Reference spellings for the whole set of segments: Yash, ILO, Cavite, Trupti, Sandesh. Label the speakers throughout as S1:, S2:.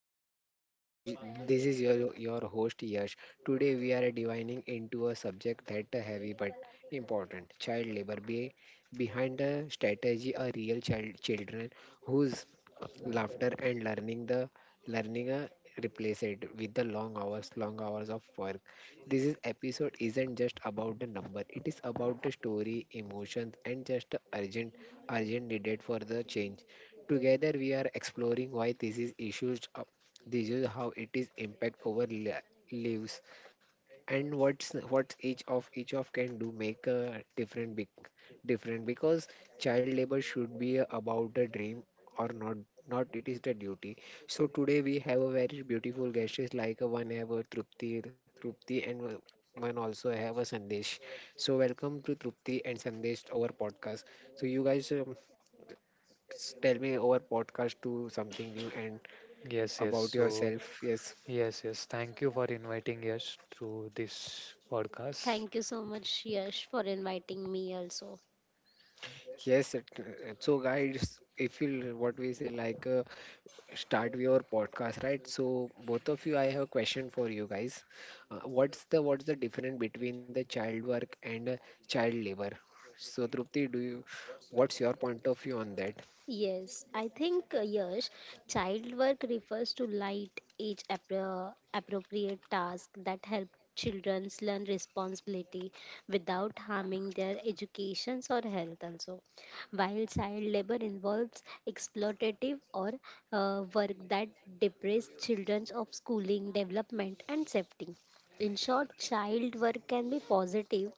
S1: our podcast. This is your host Yash. Today we are divining into a subject that heavy but important: child labor. Behind the strategy are real children whose laughter and learning the learning replace it with the long hours of work. This is episode isn't just about the number, it is about the story, emotions, and just the urgent needed for the change. Together we are exploring why this is issues, this is how it is impact over lives, and what's what each of can do make a different because child labor should be about a dream or not, it is the duty. So today we have a very beautiful guests like a one have a Trupti and one also have a sandesh. So welcome to Trupti and Sandesh our podcast. So you guys, tell me our podcast to something new and
S2: Yes, yes.
S1: about
S2: So,
S1: yourself. Yes,
S2: yes. Thank you for inviting us through this podcast.
S3: Thank you so much, Yash, for inviting me also.
S1: yes so guys if you l- what we say like start your podcast, right? So both of you, I have a question for you guys. What's the difference between the child work and child labor? So Drupti, do you what's your point of view on that?
S3: Yes, I think, Yash, child work refers to light age appropriate tasks that help children learn responsibility without harming their educations or health also. While child labor involves exploitative or work that deprives children of schooling, development and safety. In short, child work can be positive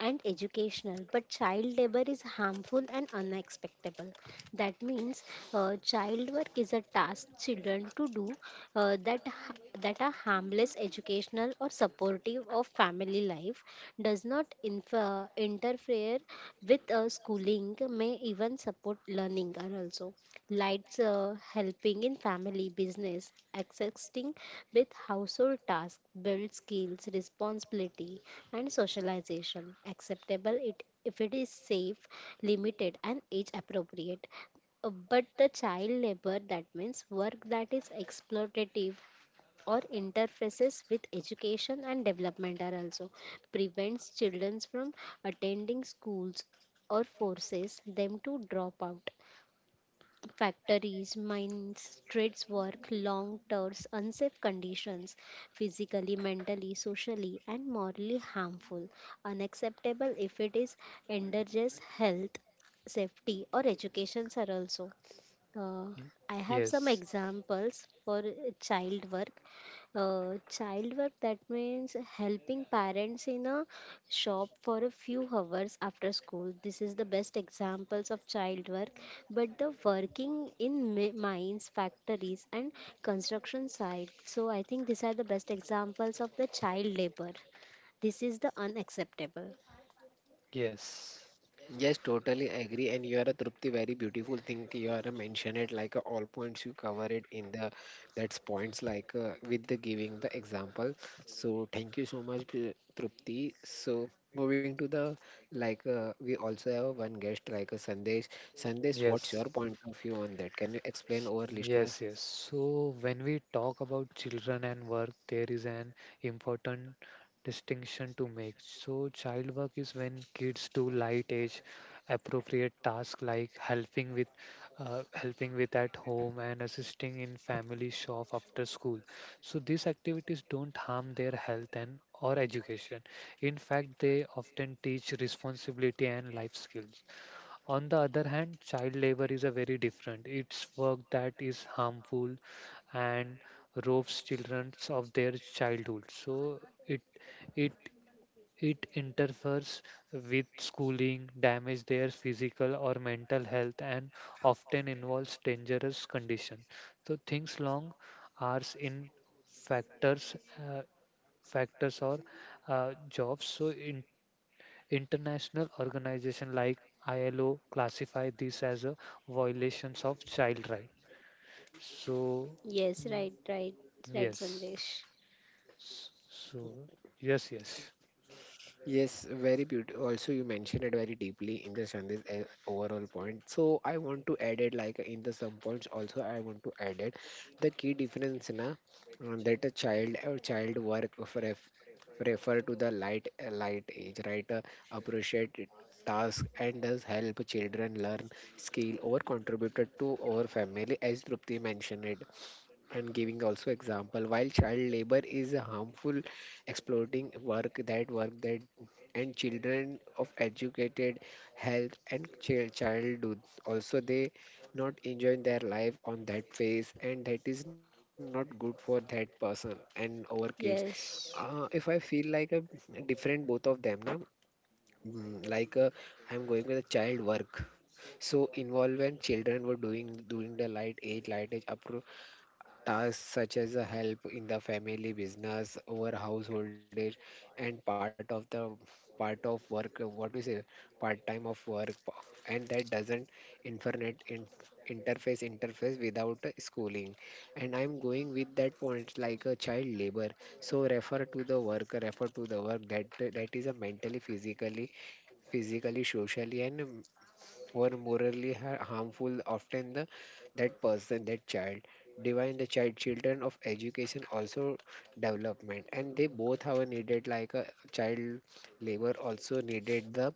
S3: and educational, but child labor is harmful and unacceptable. That means child work is a task children to do uh, that ha- that are harmless, educational or supportive of family life, does not interfere with schooling, may even support learning are also lights, helping in family business, assisting with household tasks, build skills, responsibility and socialization acceptable it if it is safe, limited and age appropriate. But the child labor, that means work that is exploitative or interfaces with education and development, are also prevents children from attending schools or forces them to drop out. Factories, mines, streets work, long hours, unsafe conditions, physically, mentally, socially, and morally harmful, unacceptable if it is endangers health, safety, or education, are also. Uh,
S2: Y-
S3: I have some
S2: Yes,
S3: examples for child work. Child work, that means helping parents in a shop for a few hours after school. This is the best examples of child work. But the working in mines, factories, and construction sites. So I think these are the best examples of the child labor. This is the unacceptable.
S2: yes.
S1: Yes, totally agree. And you are a Trupti, very beautiful thing. You are a mention it like a all points. You cover it in the that's points like with the giving the example. So thank you so much, Trupti. So moving to the like we also have one guest like a Sandesh. Sandesh,
S2: Yes.
S1: what's
S2: S-
S1: your point of view on that? Can you explain our listener?
S2: Yes. So when we talk about children and work, there is an important distinction to make. So child work is when kids do light age appropriate tasks like helping with at home and assisting in family shop after school. So these activities don't harm their health and or education. In fact, they often teach responsibility and life skills. On the other hand, child labor is a very different. It's work that is harmful and robs children of their childhood. So it it interferes with schooling, damage their physical or mental health, and often involves dangerous condition. So things long hours in factors uh, factors or jobs. So in International organizations like ILO classify this as a violations of child rights. So,
S3: Yes,
S2: mm,
S3: right,
S2: yes.
S3: Sandesh.
S2: S- So, yes, yes,
S1: Yes, very beautiful. Also, you mentioned it very deeply in the Shandi's overall point. So, I want to add it like in the some points. Also, I want to add it the key difference na that a child or child work refer to the light age, right? Appreciate it task and does help children learn skill or contributed to our family as Trupti mentioned it and giving also example while child labor is a harmful exploiting work that and children of educated health and childhood. Also they not enjoying their life on that phase, and that is not good for that person and our kids.
S3: Yes.
S1: If I feel like a different both of them, na, mm, like I'm going with a child work. So involvement children were doing during the light age up to tasks such as a help in the family business or householdage and part of work, what we say part time of work, and that doesn't internet in, interface interface without schooling. And I'm going with that point like a child labor. So refer to the work that is a mentally physically, socially, and were morally harmful, often the that person, that child. Divine the child, children of education also development, and they both have needed like a child labor also needed the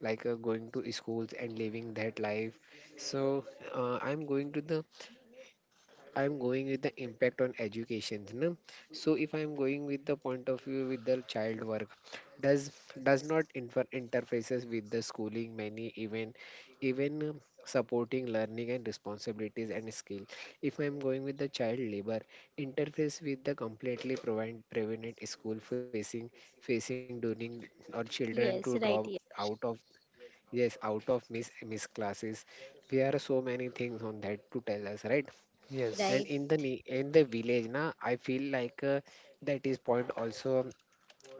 S1: like going to schools and living that life. So uh, I'm going to the I'm going with the impact on education. No? So if I'm going with the point of view with the child work, does does not infer interfaces with the schooling, many even supporting learning and responsibilities and skill. If I'm going with the child labor, interface with the completely prevented school facing during or children to
S3: Yes,
S1: drop
S3: right.
S1: out of, yes, out of miss classes. There are so many things on that to tell us, right?
S3: Yeah.
S1: And
S2: yes,
S3: Right.
S1: in the in the village na I feel like that is point also.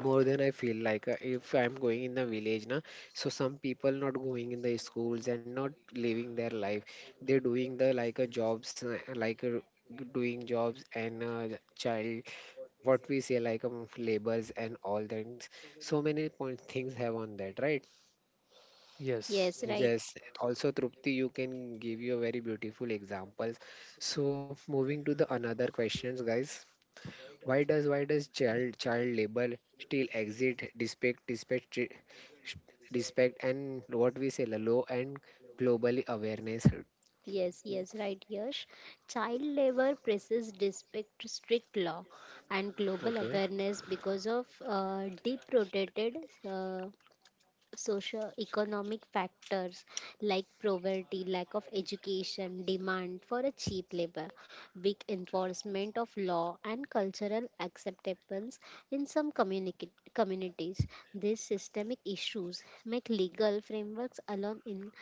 S1: More than I feel like if I'm going in the village, na so some people not going in the schools and not living their life. They're doing the like jobs, like uh, doing jobs and child what we say like labors and all that. So many point things have on that, right?
S2: yes,
S3: Yes, right.
S1: Yes, also Trupti, you can give you a very beautiful examples. So moving to the another questions, guys. Why does child labor still exist despite and what we say the low and globally awareness?
S3: Yes, yes, right, Yash. Child labor presses respect strict law and global
S1: Okay.
S3: awareness because of deep-rooted uh, socio-economic factors like poverty, lack of education, demand for a cheap labor, weak enforcement of law, and cultural acceptance in some communities. These systemic issues make legal frameworks alone in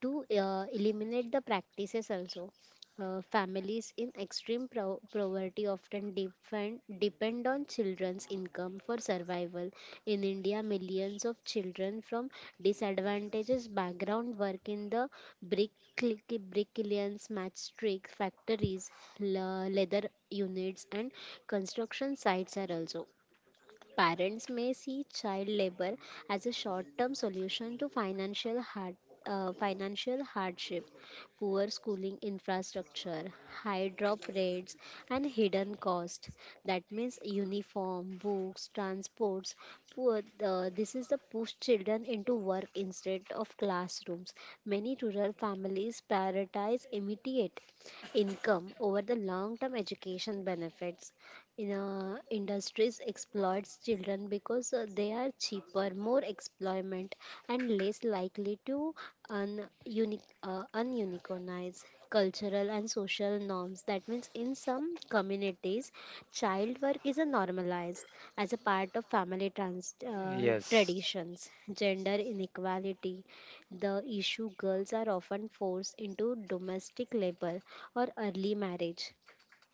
S3: to eliminate the practices also. Families in extreme poverty often depend on children's income for survival. In India, millions of children from disadvantaged background work in the brick bricklayers, matchstick factories, leather units, and construction sites are also. Parents may see child labor as a short-term solution to financial hardship, poor schooling infrastructure, high drop rates, and hidden cost. That means uniform, books, transports. Poor, this is the push children into work instead of classrooms. Many rural families prioritize immediate income over the long term education benefits in industries exploits children because they are cheaper, more employment and less likely to ununicornize cultural and social norms. That means in some communities child work is a normalized as a part of
S2: yes, yes,
S3: traditions. Gender inequality, the issue girls are often forced into domestic labor or early marriage.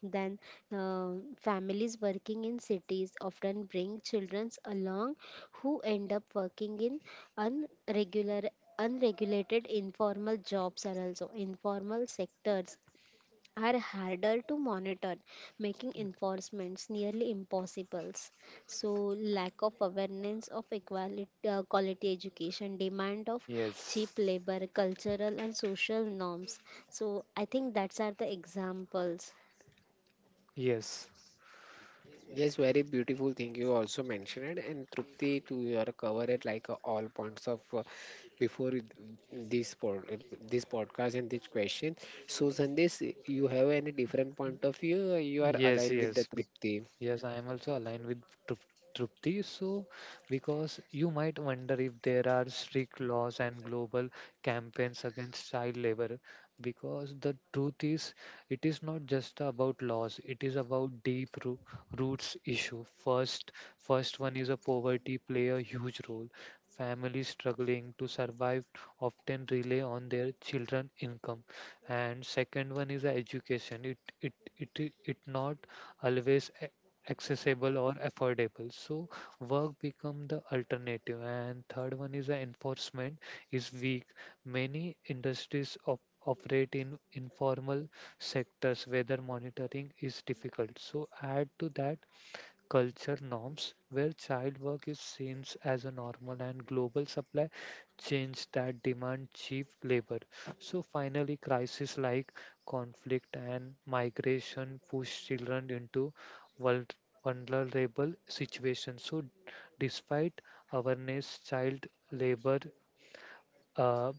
S3: Then, uh, families working in cities often bring children along who end up working in unregular unregulated informal jobs are also. Informal sectors are harder to monitor, making enforcements nearly impossible. So, lack of awareness of equality, quality education, demand of cheap labor, cultural and social norms. So, I think that's are the examples.
S1: Yes, very beautiful thing you also mentioned, and Trupti, to your cover it like all points of before it- this podcast and this question. So Sandesh, you have any different point of view? Or you are
S2: yes,
S1: aligned, yes, with the, yes,
S2: yes.
S1: Trupti.
S2: Yes, I am also aligned with Trup- Trupti. So, because you might wonder if there are strict laws and global campaigns against child labor, because the truth is, it is not just about laws, it is about roots issue. First one is a poverty play a huge role. Families struggling to survive often rely on their children income. And second one is a education. It not always accessible or affordable, so work become the alternative. And third one is the enforcement is weak, many industries operate in informal sectors where monitoring is difficult. So add to that culture norms where child work is seen as a normal and global supply change that demand cheap labor. So finally, crises like conflict and migration push children into vul- vulnerable situations. So despite awareness, child labor uh,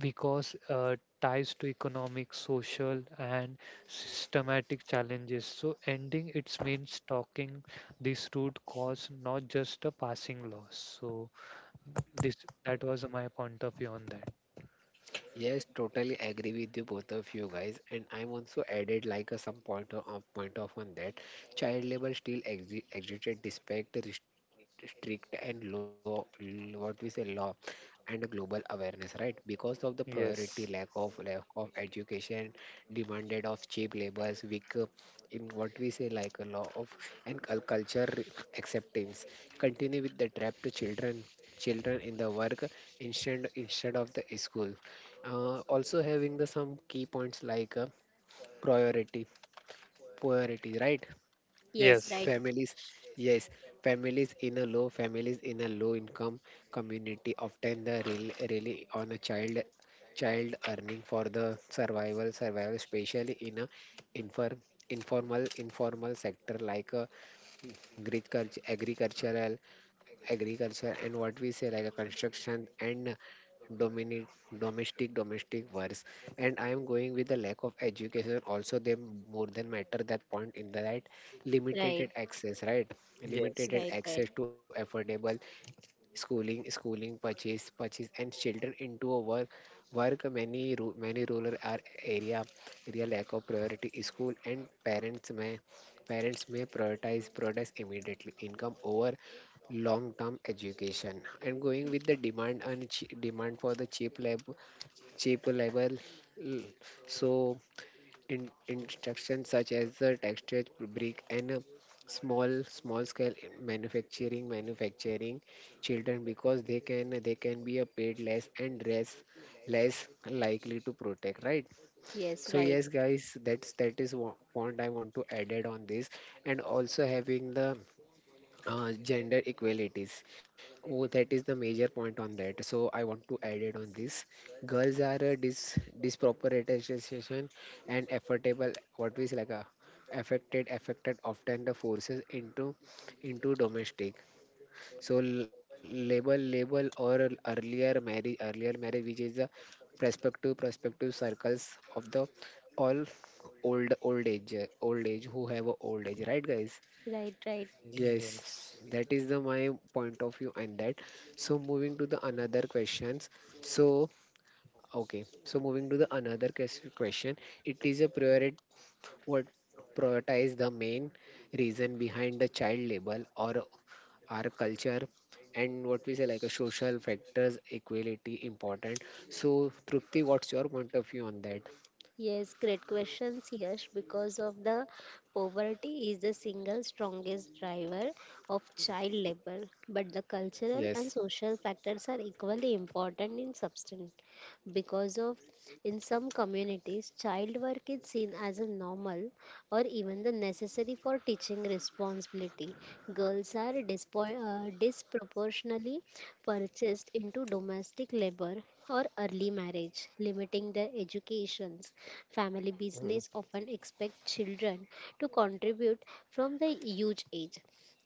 S2: because ties to economic, social, and systematic challenges. So ending it means talking this root cause, not just a passing loss. So this that was my point of view on that.
S1: Yes, totally agree with you both of you guys, and I'm also added like a some point point of on that. Child labor still existed despite the strict and law, what we say, law and global awareness, right? Because of the priority, lack
S2: Yes.
S1: of lack of education, demanded of cheap labors, weak, in what we say like a law of, and culture acceptance continue with the trap to children in the work instead of the school. Also having the some key points like priority priority, right?
S3: Yes,
S2: Yes.
S1: Families, yes, families in a low income community often the really, really on a child earning for the survival, especially in a inform, informal sector like a agriculture, agricultural, agriculture, and what we say like a construction and domini- domestic wars. And I am going with the lack of education also. They more than matter that point in the, right? Limited
S3: right,
S1: access, right,
S2: Yes.
S1: limited
S3: right.
S1: access to affordable schooling purchase and children into a work. Many many rural area lack of priority school, and parents may prioritize products immediately income over long term education. And going with the demand and demand for the cheap level. mm, so instructions such as the texture brick and small scale manufacturing children because they can be a paid less and less likely to protect, right?
S3: Yes,
S1: So yes guys, that is what point I want to added on this. And also having the gender equalities. Oh, that is the major point on that. So I want to add it on this. Girls are a disproportionate and affordable. What we say like a affected often the forces into domestic. So label or earlier marriage, which is the prospective circles of the all old old age old age who have a old age, right guys?
S3: right.
S1: Yes,
S2: Yes.
S1: that is the my point of view on that. So moving to the another questions. So okay, so moving to the another question. It is a priority, what prioritize the main reason behind the child label or our culture and what we say like a social factors equality important. So Trupti, what's your point of view on that?
S3: Yes, great questions, Yash. Because of the poverty is the single strongest driver of child labor, but the cultural
S1: Yes.
S3: and social factors are equally important in substance. Because of in some communities, child work is seen as a normal or even the necessary for teaching responsibility. Girls are disproportionately purchased into domestic labor or early marriage, limiting their educations. Family
S1: Mm-hmm.
S3: business often expect children to contribute from the huge age.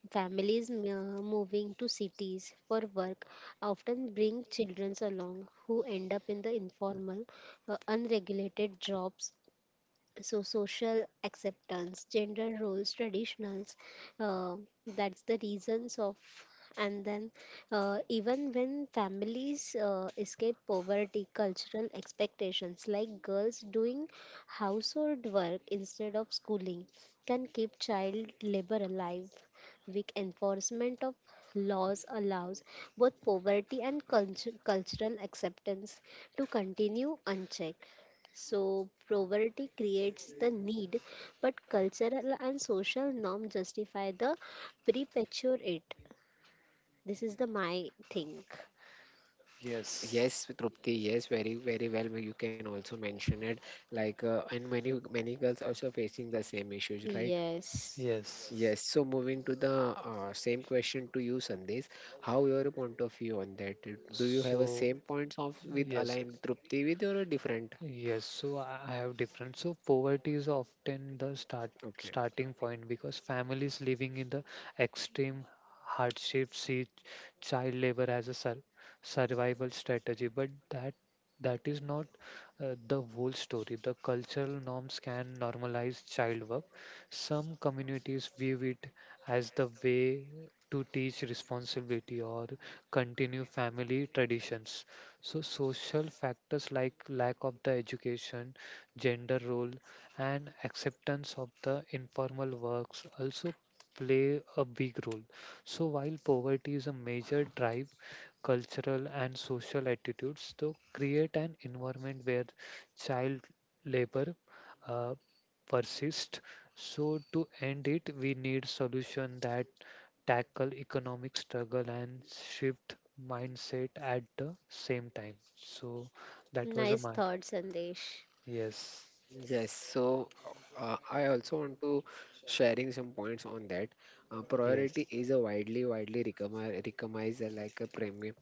S3: Families moving to cities for work often bring children along who end up in the informal, unregulated jobs. So social acceptance, gender roles, traditionals, uh, that's the reasons of, and then even when families escape poverty, cultural expectations like girls doing household work instead of schooling can keep child labor alive. Weak enforcement of laws allows both poverty and cultural acceptance to continue unchecked. So, poverty creates the need, but cultural and social norm justify the perpetuate it. This is the my thing.
S2: Yes.
S1: Yes, Trupti, yes, very, very well. You can also mention it. Like, and many, many girls also facing the same issues, right?
S3: Yes.
S2: Yes.
S1: Yes. So moving to the same question to you, Sandesh. How your point of view on that? Do you have a
S2: So
S1: same points of with
S2: yes.
S1: aligned Trupti with or a different?
S2: Yes, so I have different. So poverty is often the
S1: Okay.
S2: starting point because families living in the extreme hardship see child labor as a survival strategy, but that that is not the whole story. The cultural norms can normalize child work. Some communities view it as the way to teach responsibility or continue family traditions. So social factors like lack of the education, gender role, and acceptance of the informal works also play a big role. So while poverty is a major drive, cultural and social attitudes to create an environment where child labor uh, persists. So to end it, we need solution that tackle economic struggle and shift mindset at the same time. So that was a
S3: Nice
S2: my
S3: thought, Sandesh.
S2: yes,
S1: Yes, so I also want to sharing some points on that. Priority
S2: yes,
S1: is a widely recognized, like a premium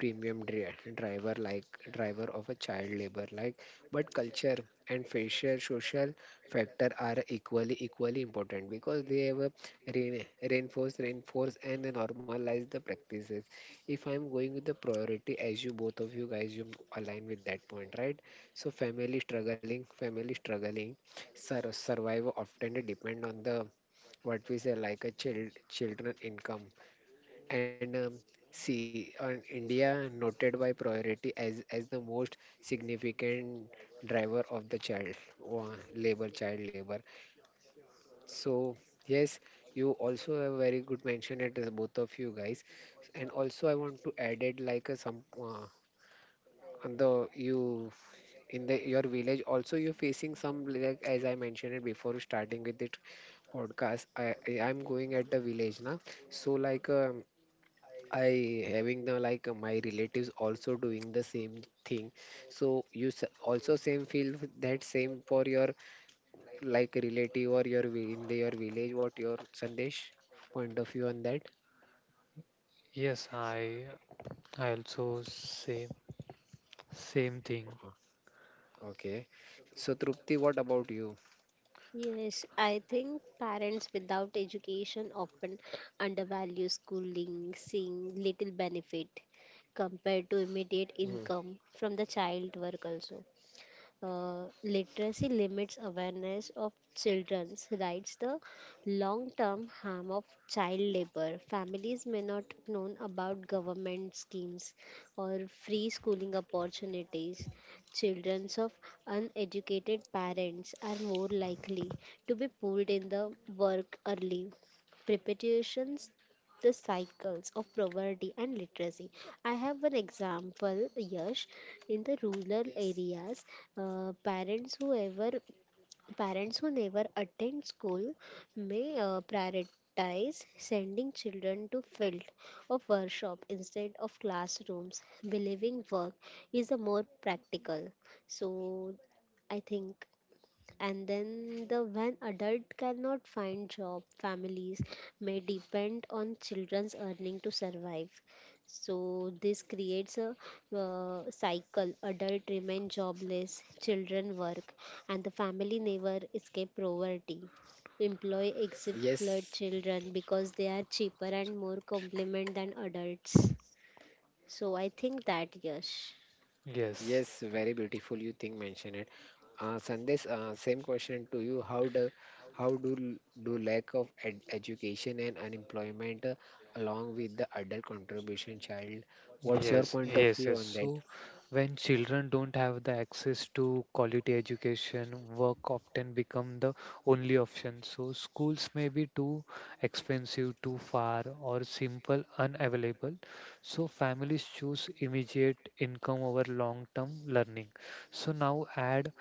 S1: premium driver, like driver of a child labor, like, but culture and facial social factor are equally important because they have a reinforce and normalize the practices. If I'm going with the priority, as you both of you guys you align with that point, right? So family struggling, survival often depend on the what we say like a children income. And see, on India noted by priority as the most significant driver of the child labor. So yes, you also have very good mention it, is both of you guys. And also I want to add it like a some on the you in the your village also you're facing some like as I mentioned it before starting with this podcast, I'm going at the village now. So like I having the like my relatives also doing the same thing. So you also same feel that same for your like relative or your your village, what your sandesh point of view on that?
S2: yes. I I also say same thing.
S1: Uh, okay, so trupti what about you?
S3: Yes, I think parents without education often undervalue schooling, seeing little benefit compared to
S1: Mhm.
S3: immediate income from the child work also. Literacy limits awareness of children's rights, the long term harm of child labor. Families may not know about government schemes or free schooling opportunities. Children of uneducated parents are more likely to be pulled in the work early. Preparations the cycles of poverty and literacy. I have an example, Yash. In the rural areas, uh, parents who ever parents who never attend school may prioritize sending children to field or workshop instead of classrooms, believing work is a more practical. So I think, and then the when adult cannot find job, families may depend on children's earning to survive. So this creates a cycle, adult remain jobless, children work, and the family never escape poverty. Employ
S1: Yes.
S3: exploit children because they are cheaper and more complement than adults. So I think that. Yes.
S2: Yes,
S1: Yes, very beautiful. You think mention it. Sandesh, same question to you. How do lack of ed education and unemployment along with the adult contribution child? What's your point of view
S2: Yes.
S1: on that?
S2: So when children don't have the access to quality education, work often become the only option. So schools may be too expensive, too far, or simple unavailable. So families choose immediate income over long-term learning. So now add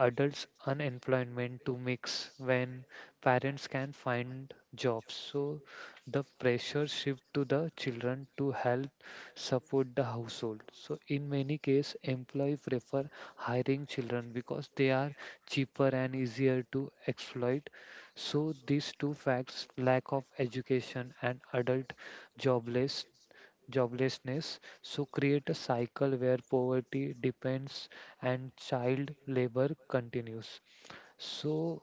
S2: adults unemployment to mix when parents can find jobs, so the pressure shift to the children to help support the household. So in many cases employee prefer hiring children because they are cheaper and easier to exploit. So these two facts lack of education and adult jobless joblessness, so create a cycle where poverty depends and child labor continues. So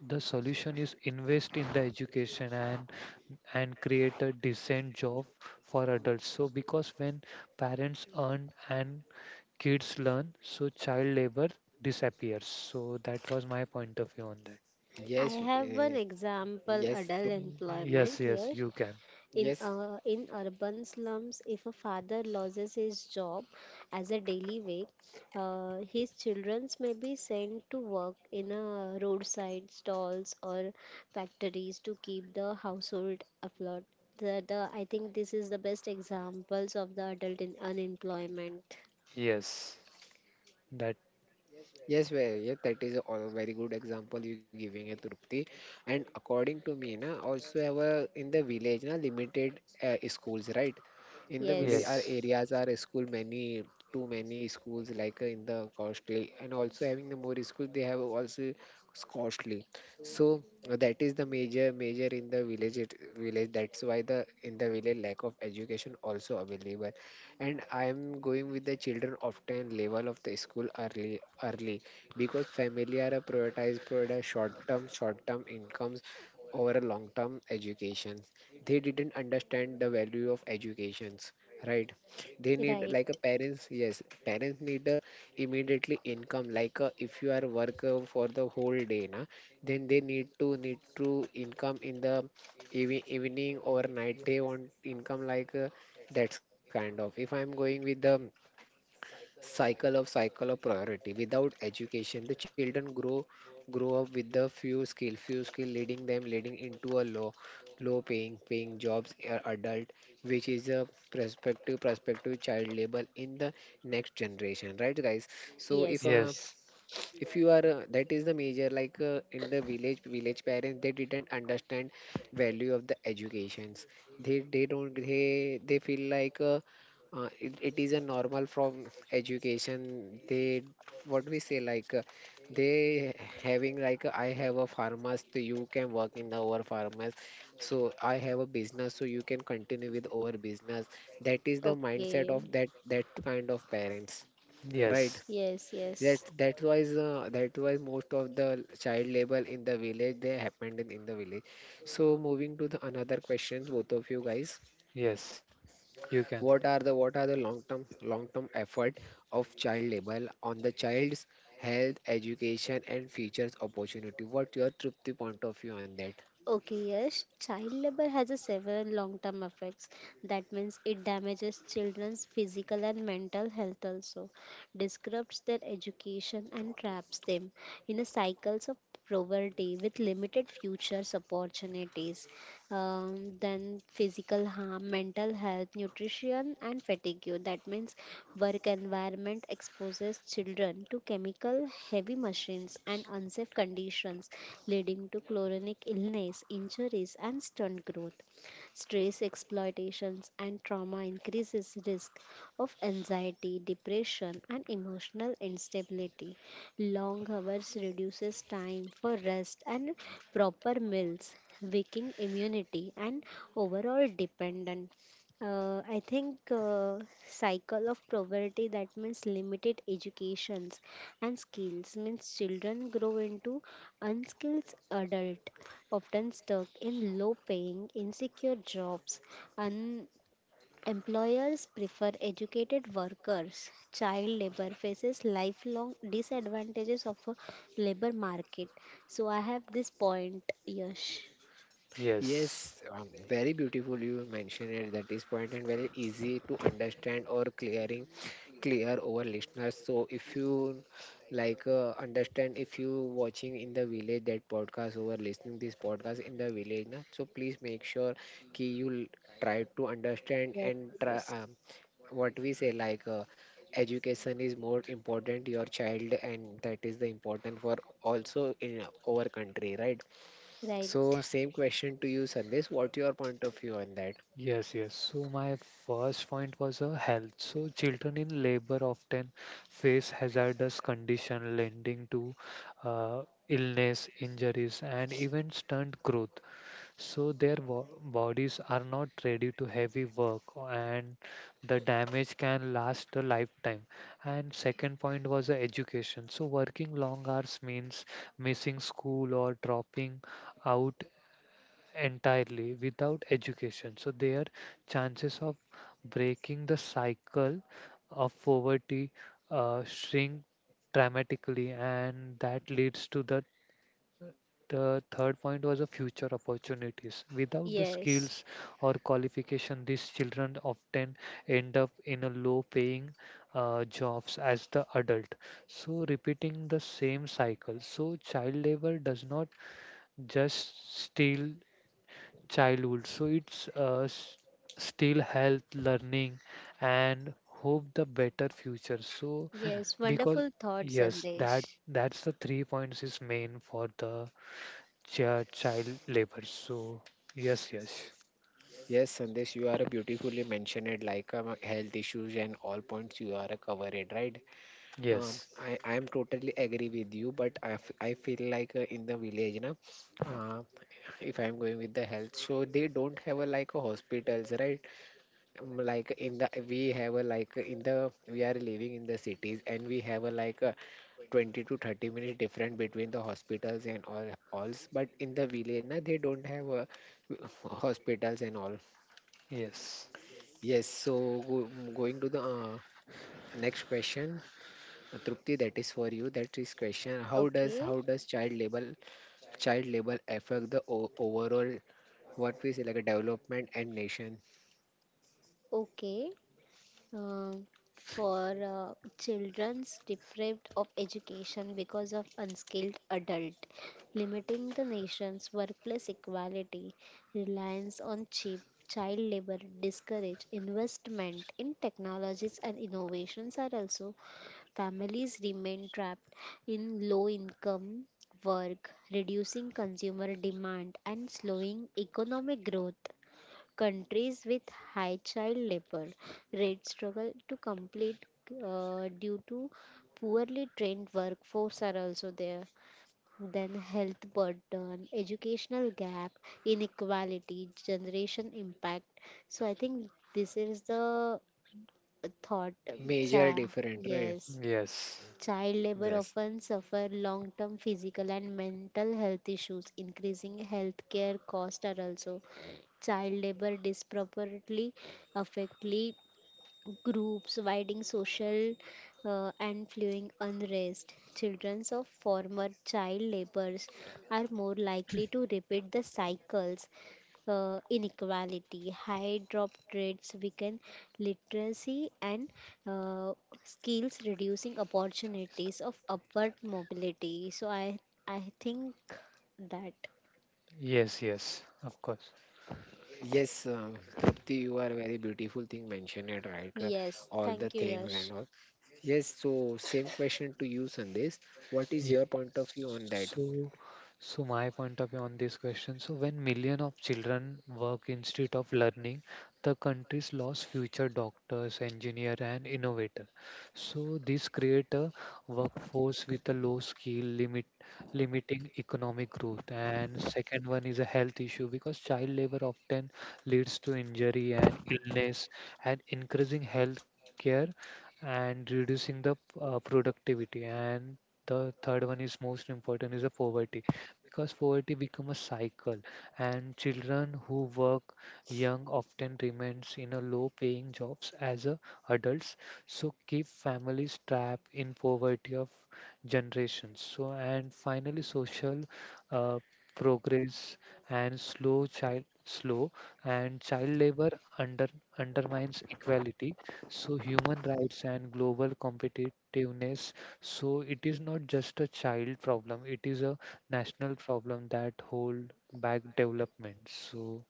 S2: the solution is invest in the education and create a decent job for adults. So because when parents earn and kids learn, so child labor disappears. So that was my point of view on that.
S3: I
S1: Yes,
S3: have an
S1: uh,
S3: example
S1: yes,
S3: adult
S1: Trup-
S2: Yes,
S3: employment,
S2: yes,
S3: yes.
S2: you can.
S1: yes,
S3: In urban slums, if a father loses his job as a daily wage, his children may be sent to work in a roadside stalls or factories to keep the household afloat. The I think this is the best examples of the adult in unemployment.
S2: Yes, that
S1: yeah, that is a very good example you giving a Trupti. And according to me, na, also have a, in the village, na, limited schools, right? In the village,
S3: Yes,
S1: our
S2: Yes.
S1: areas are school many, too many schools like in the costly, and also having the more schools, they have also costly. So that is the major in the village, village. That's why the in the village lack of education also available, and I am going with the children often level of the school early because family are a prioritized product short term incomes over a long term education. They didn't understand the value of educations. Right, they need
S3: right.
S1: like a parents. Yes, parents need a immediately income. Like if you are work for the whole day, na, then they need to need to income in the evening or night. They want income like that's kind of. If I'm going with the cycle of priority without education, the children grow up with the few skill leading them leading into a low paying jobs adult, which is a prospective child labor in the next generation, right guys? So
S3: Yes.
S2: Yes.
S1: if you are that is the major like in the village parents, they didn't understand value of the educations. They don't, they feel like it is a normal from education. They what we say like they having like I have a pharmacist, so you can work in our pharmacy. So I have a business, so you can continue with our business. That is the mindset
S3: Okay.
S1: of that kind of parents, right?
S2: Yes.
S3: Yes,
S1: that
S3: yes.
S1: that was most of the child labor in the village they happened in the village. So moving to the another questions, both of you guys,
S2: Yes. You
S1: what
S2: can.
S1: are the what are the long term effort of child labor on the child's health, education, and futures opportunity? What your Trupti point of view on that?
S3: Okay, yes, child labor has a several long-term effects. That means it damages children's physical and mental health also, disrupts their education and traps them in a cycles of poverty with limited futures opportunities. Then physical harm, mental health, nutrition and fatigue. That means work environment exposes children to chemical heavy machines and unsafe conditions, leading to chronic illness, injuries, and stunt growth. Stress exploitations and trauma increases risk of anxiety, depression, and emotional instability. Long hours reduces time for rest and proper meals, weakening immunity and overall dependent. I think cycle of poverty, that means limited educations and skills means children grow into unskilled adult, often stuck in low paying insecure jobs, and employers prefer educated workers. Child labor faces lifelong disadvantages of a labor market. So I have this point, Yash.
S2: Yes.
S1: Yes, very beautiful you mentioned it, that is point, and very easy to understand or clear over listeners. So if you like understand, if you watching in the village that podcast over listening this podcast in the village, na, so please make sure ki you try to understand
S3: Yes,
S1: and try
S3: yes,
S1: what we say like education is more important your child, and that is the important for also in our country, right? So
S3: right,
S1: same question to you, Sandesh, what's your point of view on that?
S2: Yes, yes. So my first point was health. So children in labor often face hazardous condition leading to uh, illness, injuries, and even stunt growth. So their bodies are not ready to heavy work, and the damage can last a lifetime. And second point was the education. So working long hours means missing school or dropping out entirely without education, so their chances of breaking the cycle of poverty shrink dramatically. And that leads to the third point was the future opportunities. Without the
S3: yes.
S2: skills or qualification, these children often end up in a low-paying jobs as the adult. So repeating the same cycle. So child labor does not just steal childhood. So it's steal health, learning, and hope the better future. So
S3: Yes,
S2: because
S3: wonderful thought,
S2: yes, that
S3: Sandesh.
S2: that's the three points is main for the child labor. So yes, yes,
S1: Yes, Sandesh, you are beautifully mentioned it like health issues and all points you are covered, right? um,
S2: yes,
S1: i i am totally agree with you, but I feel like in the village, na, uh, if I'm going with the health, so they don't have a like a hospitals, right? Like in the we have a like in the we are living in the cities, and we have a like a 20 to 30 minutes different between the hospitals and all alls, but in the village, na, they don't have a hospitals and all.
S2: yes,
S1: Yes, so going to the next question. Trupti, that is for you, that is question, how does
S3: Okay,
S1: how does child labor affect the overall what we say like a development and nation?
S3: okay. Um, for children's deprived of education because of unskilled adult, limiting the nation's workplace equality, reliance on cheap child labor, discourage investment in technologies and innovations are also. Families remain trapped in low income work, reducing consumer demand and slowing economic growth. Countries with high child labor rates struggle to complete due to poorly trained workforce are also there. Then health burden, educational gap, inequality, generation impact. So I think this is the thought.
S1: Major different, right?
S3: Yes.
S2: yes.
S3: Child labor
S1: Yes.
S3: often suffer long term physical and mental health issues, increasing healthcare costs are also. Child labor disproportionately affectly groups, widening social and fueling unrest. Children of former child laborers are more likely to repeat the cycles. Inequality, high drop rates weaken literacy and uh, skills, reducing opportunities of upward mobility. So I think that.
S2: Yes, yes, of course.
S1: Yes, Trupti, you are very beautiful thing mentioned it right,
S3: Yes,
S1: all the
S3: thank you,
S1: things
S3: Yash.
S1: and all. Yes, so same question to you, Sandesh. What is your point of view on that?
S2: So, so my point of view on this question. So, when million of children work instead of learning, the country's lost future doctors, engineer, and innovator. So, this create a workforce with a low skill, limiting economic growth. And second one is a health issue because child labor often leads to injury and illness, and increasing health care and reducing the productivity. And the third one is most important is the poverty, because poverty become a cycle and children who work young often remains in a low paying jobs as a adults. So keep families trapped in poverty of generations. So and finally social uh, progress and slow child slow and child labor under undermines equality. So human rights and global competitiveness. So it is not just a child problem, it is a national problem that hold back development. So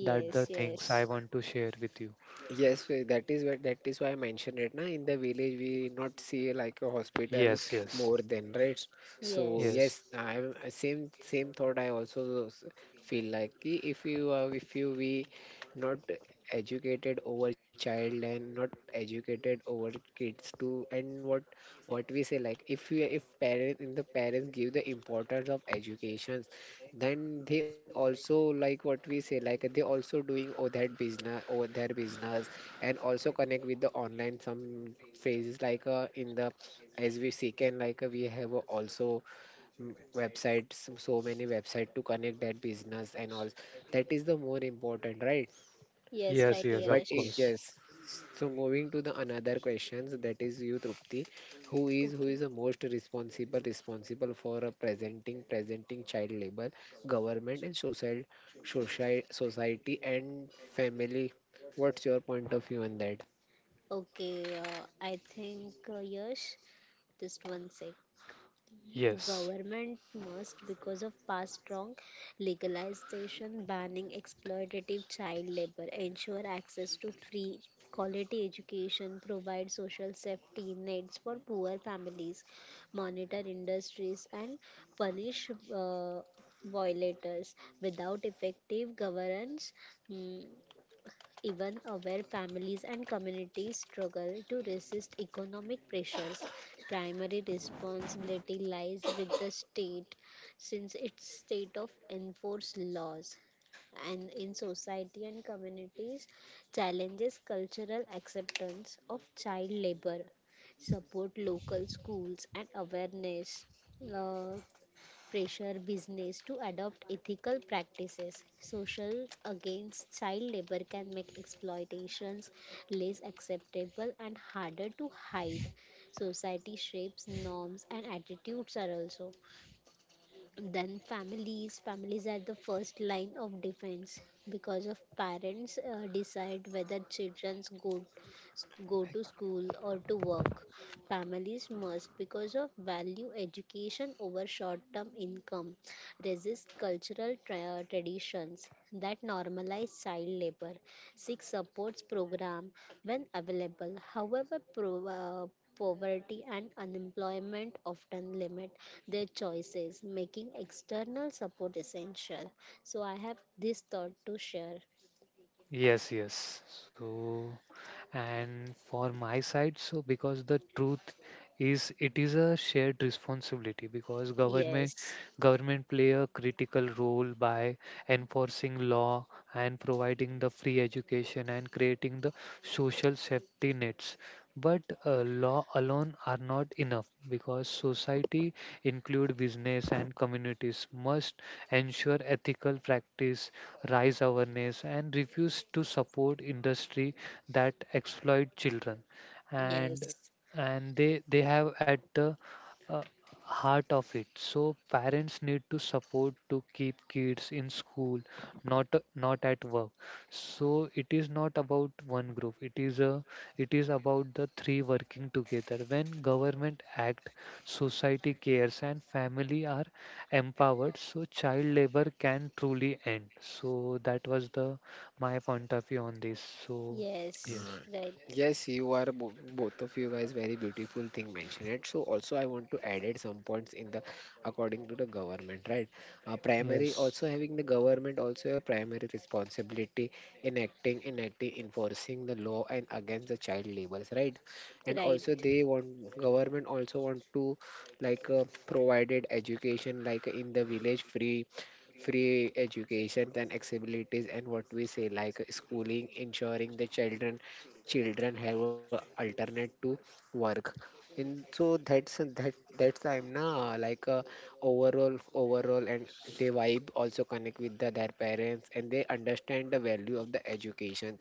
S2: that the things I
S3: yes.
S2: want to share with you.
S1: Yes, that is what, that is why I mentioned it. Na, in the village, we not see like a hospital
S2: Yes, yes.
S1: more than right. So
S2: Yes.
S1: yes,
S3: Yes,
S1: same thought. I also feel like ki if you we not educated over child and not educated over kids too, and what we say like if we if parent in the parents give the importance of education, then they also like what we say like they also doing oh that business or their business and also connect with the online some phases like in the as we seek and like we have also websites, so so many website to connect that business and all, that is the more important, right?
S3: yes,
S2: Yes,
S3: right,
S2: yes, of
S1: But
S3: yes.
S2: course.
S1: yes. So moving to the another questions, that is you, Trupti, who is
S3: Okay,
S1: the most responsible for presenting child labor? Government and social society and family, what's your point of view on that?
S3: okay. I think yes. Just one sec.
S2: Yes.
S3: Government must, because of past wrong legalization banning exploitative child labor, ensure access to free quality education, provide social safety nets for poor families, monitor industries, and punish violators. Without effective governance, mm, even where families and communities struggle to resist economic pressures, primary responsibility lies with the state, since its state of enforced laws. And in society and communities, challenges cultural acceptance of child labor, support local schools and awareness, uh, pressure business to adopt ethical practices. Socials against child labor can make exploitations less acceptable and harder to hide. Society shapes norms and attitudes are also. Then families are the first line of defense, because of parents decide whether children go go to school or to work. Families must, because of value education over short term income, resist cultural traditions that normalize child labor, seek supports program when available. However poverty and unemployment often limit their choices, making external support essential. So I have this thought to share.
S2: Yes, yes. So, and for my side, so because the truth is it is a shared responsibility because
S3: Yes,
S2: government play a critical role by enforcing law and providing the free education and creating the social safety nets. But law alone are not enough because society include business and communities must ensure ethical practice, raise awareness, and refuse to support industry that exploit children. and
S3: yes,
S2: and they have at the uh, heart of it. So parents need to support to keep kids in school, not not at work. So it is not about one group, it is a it is about the three working together. When government act, society cares, and family are empowered, so child labor can truly end. So that was the my point of view on this so
S3: yes,
S1: Uh,
S2: yes.
S3: right,
S1: yes, you are both of you guys very beautiful thing mentioned it. So also I want to add it some points in the according to the government, right? Primary
S2: Yes.
S1: also having the government also a primary responsibility in acting, enforcing the law and against the child labors, right? And
S3: right,
S1: also they want government also want to like provided education like in the village free education and accessibilities and what we say like schooling, ensuring the children have a alternate to work. And so that's that's I'm now like overall overall and they vibe also connect with the, their parents, and they understand the value of the education.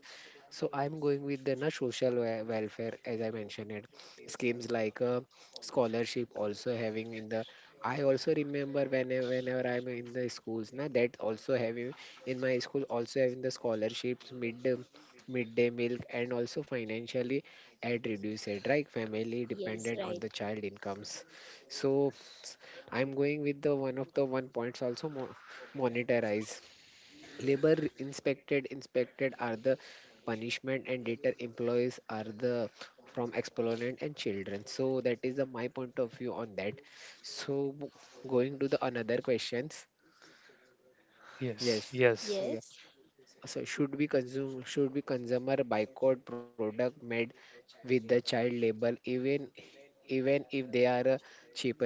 S1: So I'm going with the na social welfare, as I mentioned it, schemes like scholarship also having in the I also remember whenever I'm in the schools, na, that also having in my school also having the scholarships, mid midday milk, and also financially at reduced rate, right, family
S3: yes,
S1: dependent on
S3: right,
S1: the child incomes. So I'm going with the one of the one points also monitorize labor inspected are the punishment, and later employees are the from exponent and children. So that is the my point of view on that. So going to the another questions. Yes,
S2: Yes. Yes.
S1: yeah.
S3: yes.
S1: So should we consumer boycott product made with the child label, even even if they are cheaper?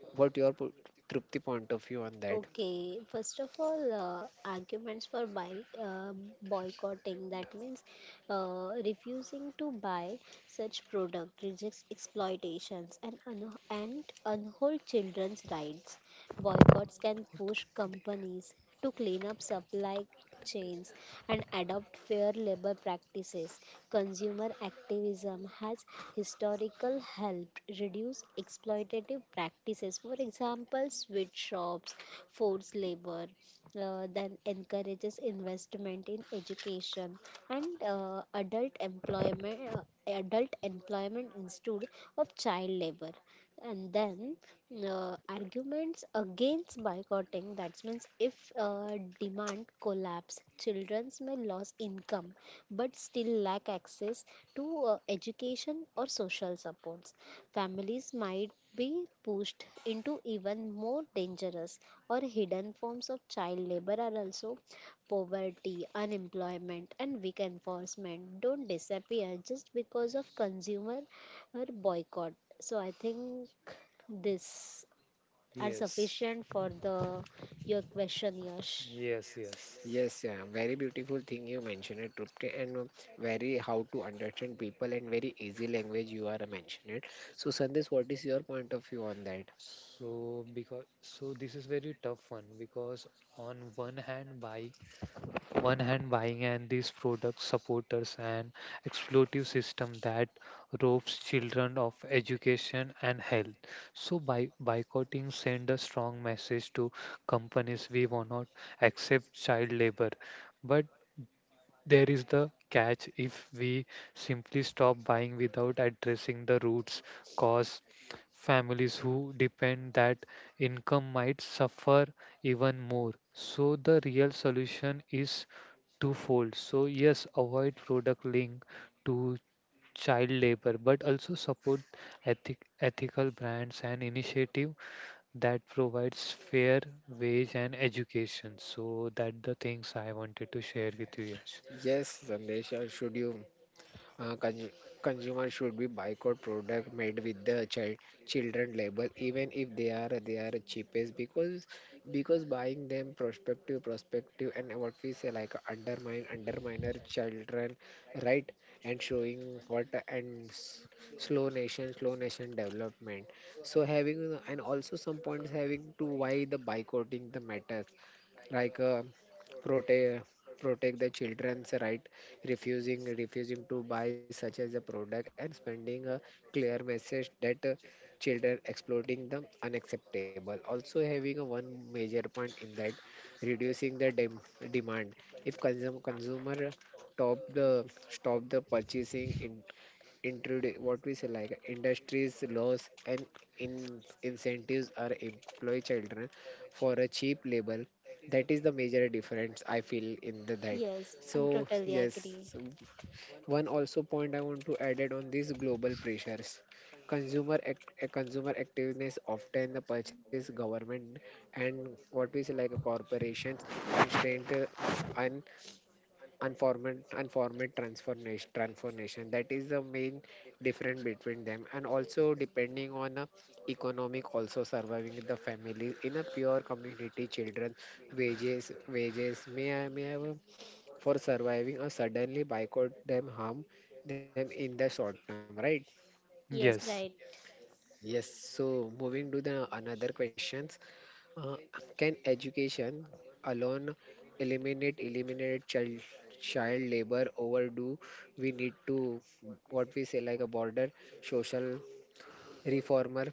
S1: What your Trupti point of view on that?
S3: Okay, first of all, boycotting, that means refusing to buy such product rejects exploitations and and unhold children's rights. Boycotts can push companies to clean up supply chains and adopt fair labor practices. Consumer activism has historical helped reduce exploitative practices. For example, sweatshops, forced labor, then encourages investment in education and adult employment instead of child labor. And then arguments against boycotting, that means if demand collapse children may lose income but still lack access to education or social supports. Families might be pushed into even more dangerous or hidden forms of child labor are also. Poverty, unemployment, and weak enforcement don't disappear just because of consumer or boycott. So I think this are
S2: Yes.
S3: sufficient for the your question, Yash.
S2: Yes. Yes.
S1: Yes, yeah, very beautiful thing you mentioned it, Trupti, and very how to understand people and very easy language you are mentioned it. So, Sandesh, what is your point of view on that?
S2: So because so this is very tough one because on one hand bike one hand buying and these products supporters and exploitative system that robs children of education and health. So by boycotting send a strong message to companies we will not accept child labor. But there is the catch, if we simply stop buying without addressing the roots cause, families who depend that income might suffer even more. So the real solution is twofold. So yes, avoid product link to child labor, but also support ethical brands and initiative that provides fair wage and education. So that the things I wanted to share with you, Yash.
S1: Yes, Sandesh, should you? Uh, consu- consumer should be boycott product made with the child children label, even if they are they are cheapest, because buying them prospective prospective, and what we say like undermine underminer children, right? And showing what and s- slow nation development. So having and also some points having to why the boycotting the matters, like protect protect the children's right. Refusing to buy such as a product and spending a clear message that children exploiting them unacceptable, also having a one major point in that, reducing the demand. If consumer top the stop the purchasing in, introduce what we say like industries laws and in incentives are employ children for a cheap labor, that is the major difference I feel in the that.
S3: Yes, I'm
S1: So
S3: totally
S1: yes,
S3: agree.
S1: so one also point I want to add it on these global pressures. Consumer ac- a consumer activeness often the purchase government, and what we say like a corporations and strength and unformed transformation, that is the main difference between them, and also depending on economic also surviving the family in a pure community children wages may have for surviving or suddenly boycott them harm them in the short term, right?
S3: Yes,
S2: Yes,
S3: right.
S1: Yes. So moving to the another question. uh, can education alone eliminate child labor overdue? We need to what we say like a border social reformer.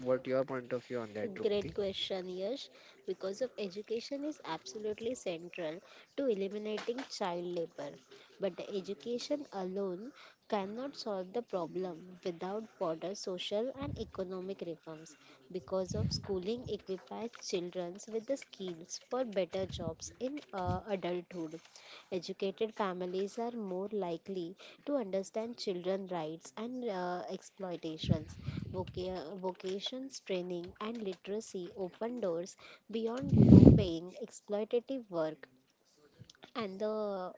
S1: What your point of view on that, Drupti?
S3: Great question, Yash. Because of education is absolutely central to eliminating child labor. But the education alone cannot solve the problem without broader social and economic reforms. Because of schooling equips children with the skills for better jobs in adulthood. Educated families are more likely to understand children's rights and vocations training and literacy open doors beyond low paying exploitative work. And the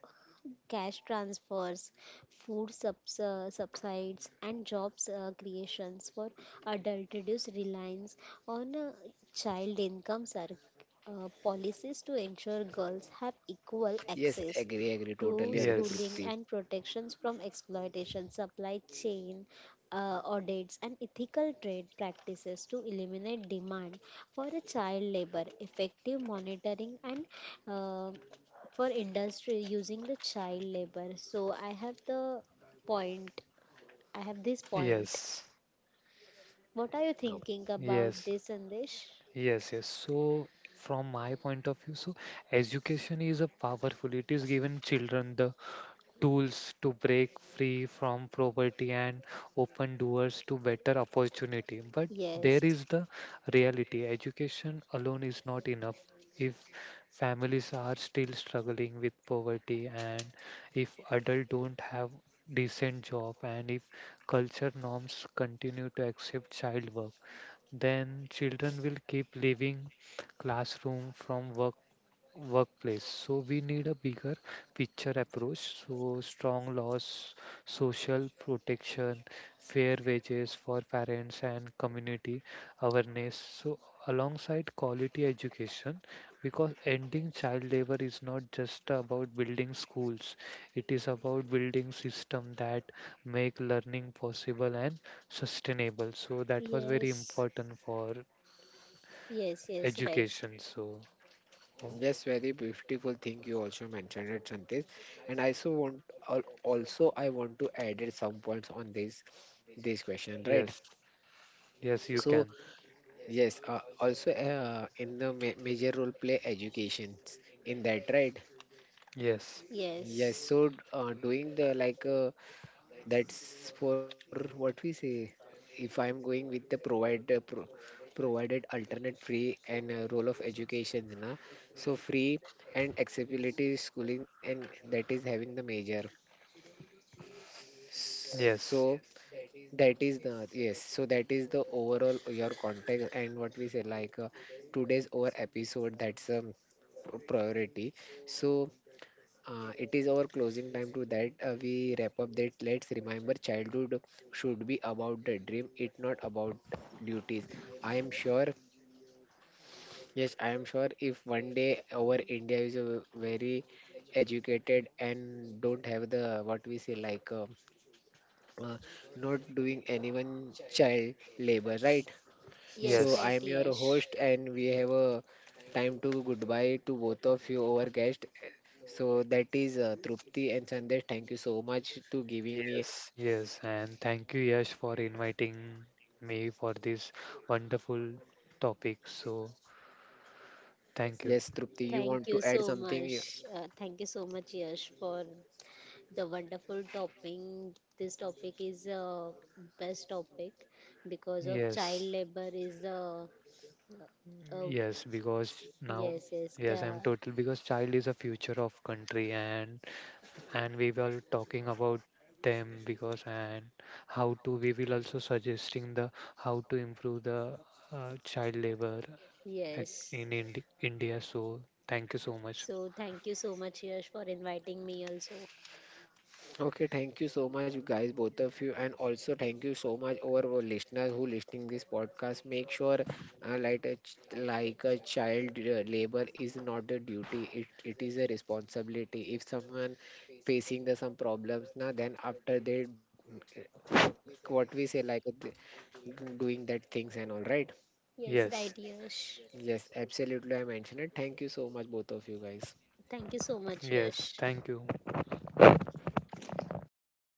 S3: cash transfers, subsides, and jobs creations for adult reduce reliance on child income. Policies to ensure girls have equal
S1: Yes,
S3: access to
S1: totally agree,
S3: schooling
S2: yes,
S1: Drupti.
S3: and protections from exploitation, supply chain audits, and ethical trade practices to eliminate demand for a child labor, effective monitoring, and uh, for industry using the child labor. So I have the point. I have this point.
S2: yes,
S3: What are you
S1: No.
S3: thinking about
S2: yes.
S3: this, Sandesh?
S2: Yes. So, from my point of view, so education is a powerful. It is given children the tools to break free from poverty and open doors to better opportunity. But there
S3: Yes.
S2: is the reality education alone is not enough. If families are still struggling with poverty, and if adults don't have decent job, and if culture norms continue to accept child work, then children will keep leaving classroom from work workplace. So we need a bigger picture approach. So strong laws, social protection, fair wages for parents and community awareness. So alongside quality education, because ending child labor is not just about building schools. It is about building system that make learning possible and sustainable. So that was very
S3: Yes.
S2: important for
S3: Yes. Yes. Right.
S2: education. So. Oh.
S1: Yes, very beautiful thing you also mentioned it, Santis. And I also want al- also I want to add some points on this question, right?
S2: Yes, yes, you
S1: So
S2: can.
S1: yes, also in the ma major role play education in that, right?
S2: Yes,
S1: Yes,
S3: Yes.
S1: so doing the like that's for what we say. If I'm going with the provider pro provided alternate free and role of education, na? So free and accessibility schooling, and that is having the major.
S2: yes,
S1: So that is the yes. So that is the overall your context and what we say like today's our episode. Priority. So it is our closing time to that. We wrap up that. Let's remember childhood should be about the dream, it not about duties. I am sure, yes, I am sure if one day our India is a very educated and don't have the what we say like uh, not doing anyone child labor, right?
S3: Yes.
S1: So
S2: yes,
S1: I
S3: Right.
S1: am Yes. your
S3: Yes.
S1: host, and we have a time to goodbye to both of you our guest. So that is Trupti and Sandesh. Thank you so much to giving me.
S2: yes, yes. And thank you, Yash, for inviting me for this wonderful topic. So, thank you.
S1: Yes, Trupti, you
S3: Thank
S1: want
S3: you
S1: to add
S3: so
S1: something?
S3: much. Thank you so much, Yash, for the wonderful topping. This topic is best topic because of child
S2: Yes,
S3: labor is Uh,
S2: yes, because now,
S3: yes,
S2: yes, I'm total because child is a future of country and we were talking about them because and how to we will also suggesting the how to improve the child labor at,
S3: yes.
S2: in India. So thank you so much.
S3: So thank you so much, Yash, for inviting me also.
S1: Okay, thank you so much, you guys, both of you, and also thank you so much our listeners who listening this podcast. Make sure, like a like a child labor is not a duty; it is a responsibility. If someone facing the some problems now, then after they, uh, what we say like th- doing that things and all, right?
S3: Yes,
S2: Yes,
S3: right, Yash.
S1: Yes, absolutely. I mentioned it. Thank you so much, both of you guys.
S3: Thank you so much,
S2: yes,
S3: Yash.
S2: thank you.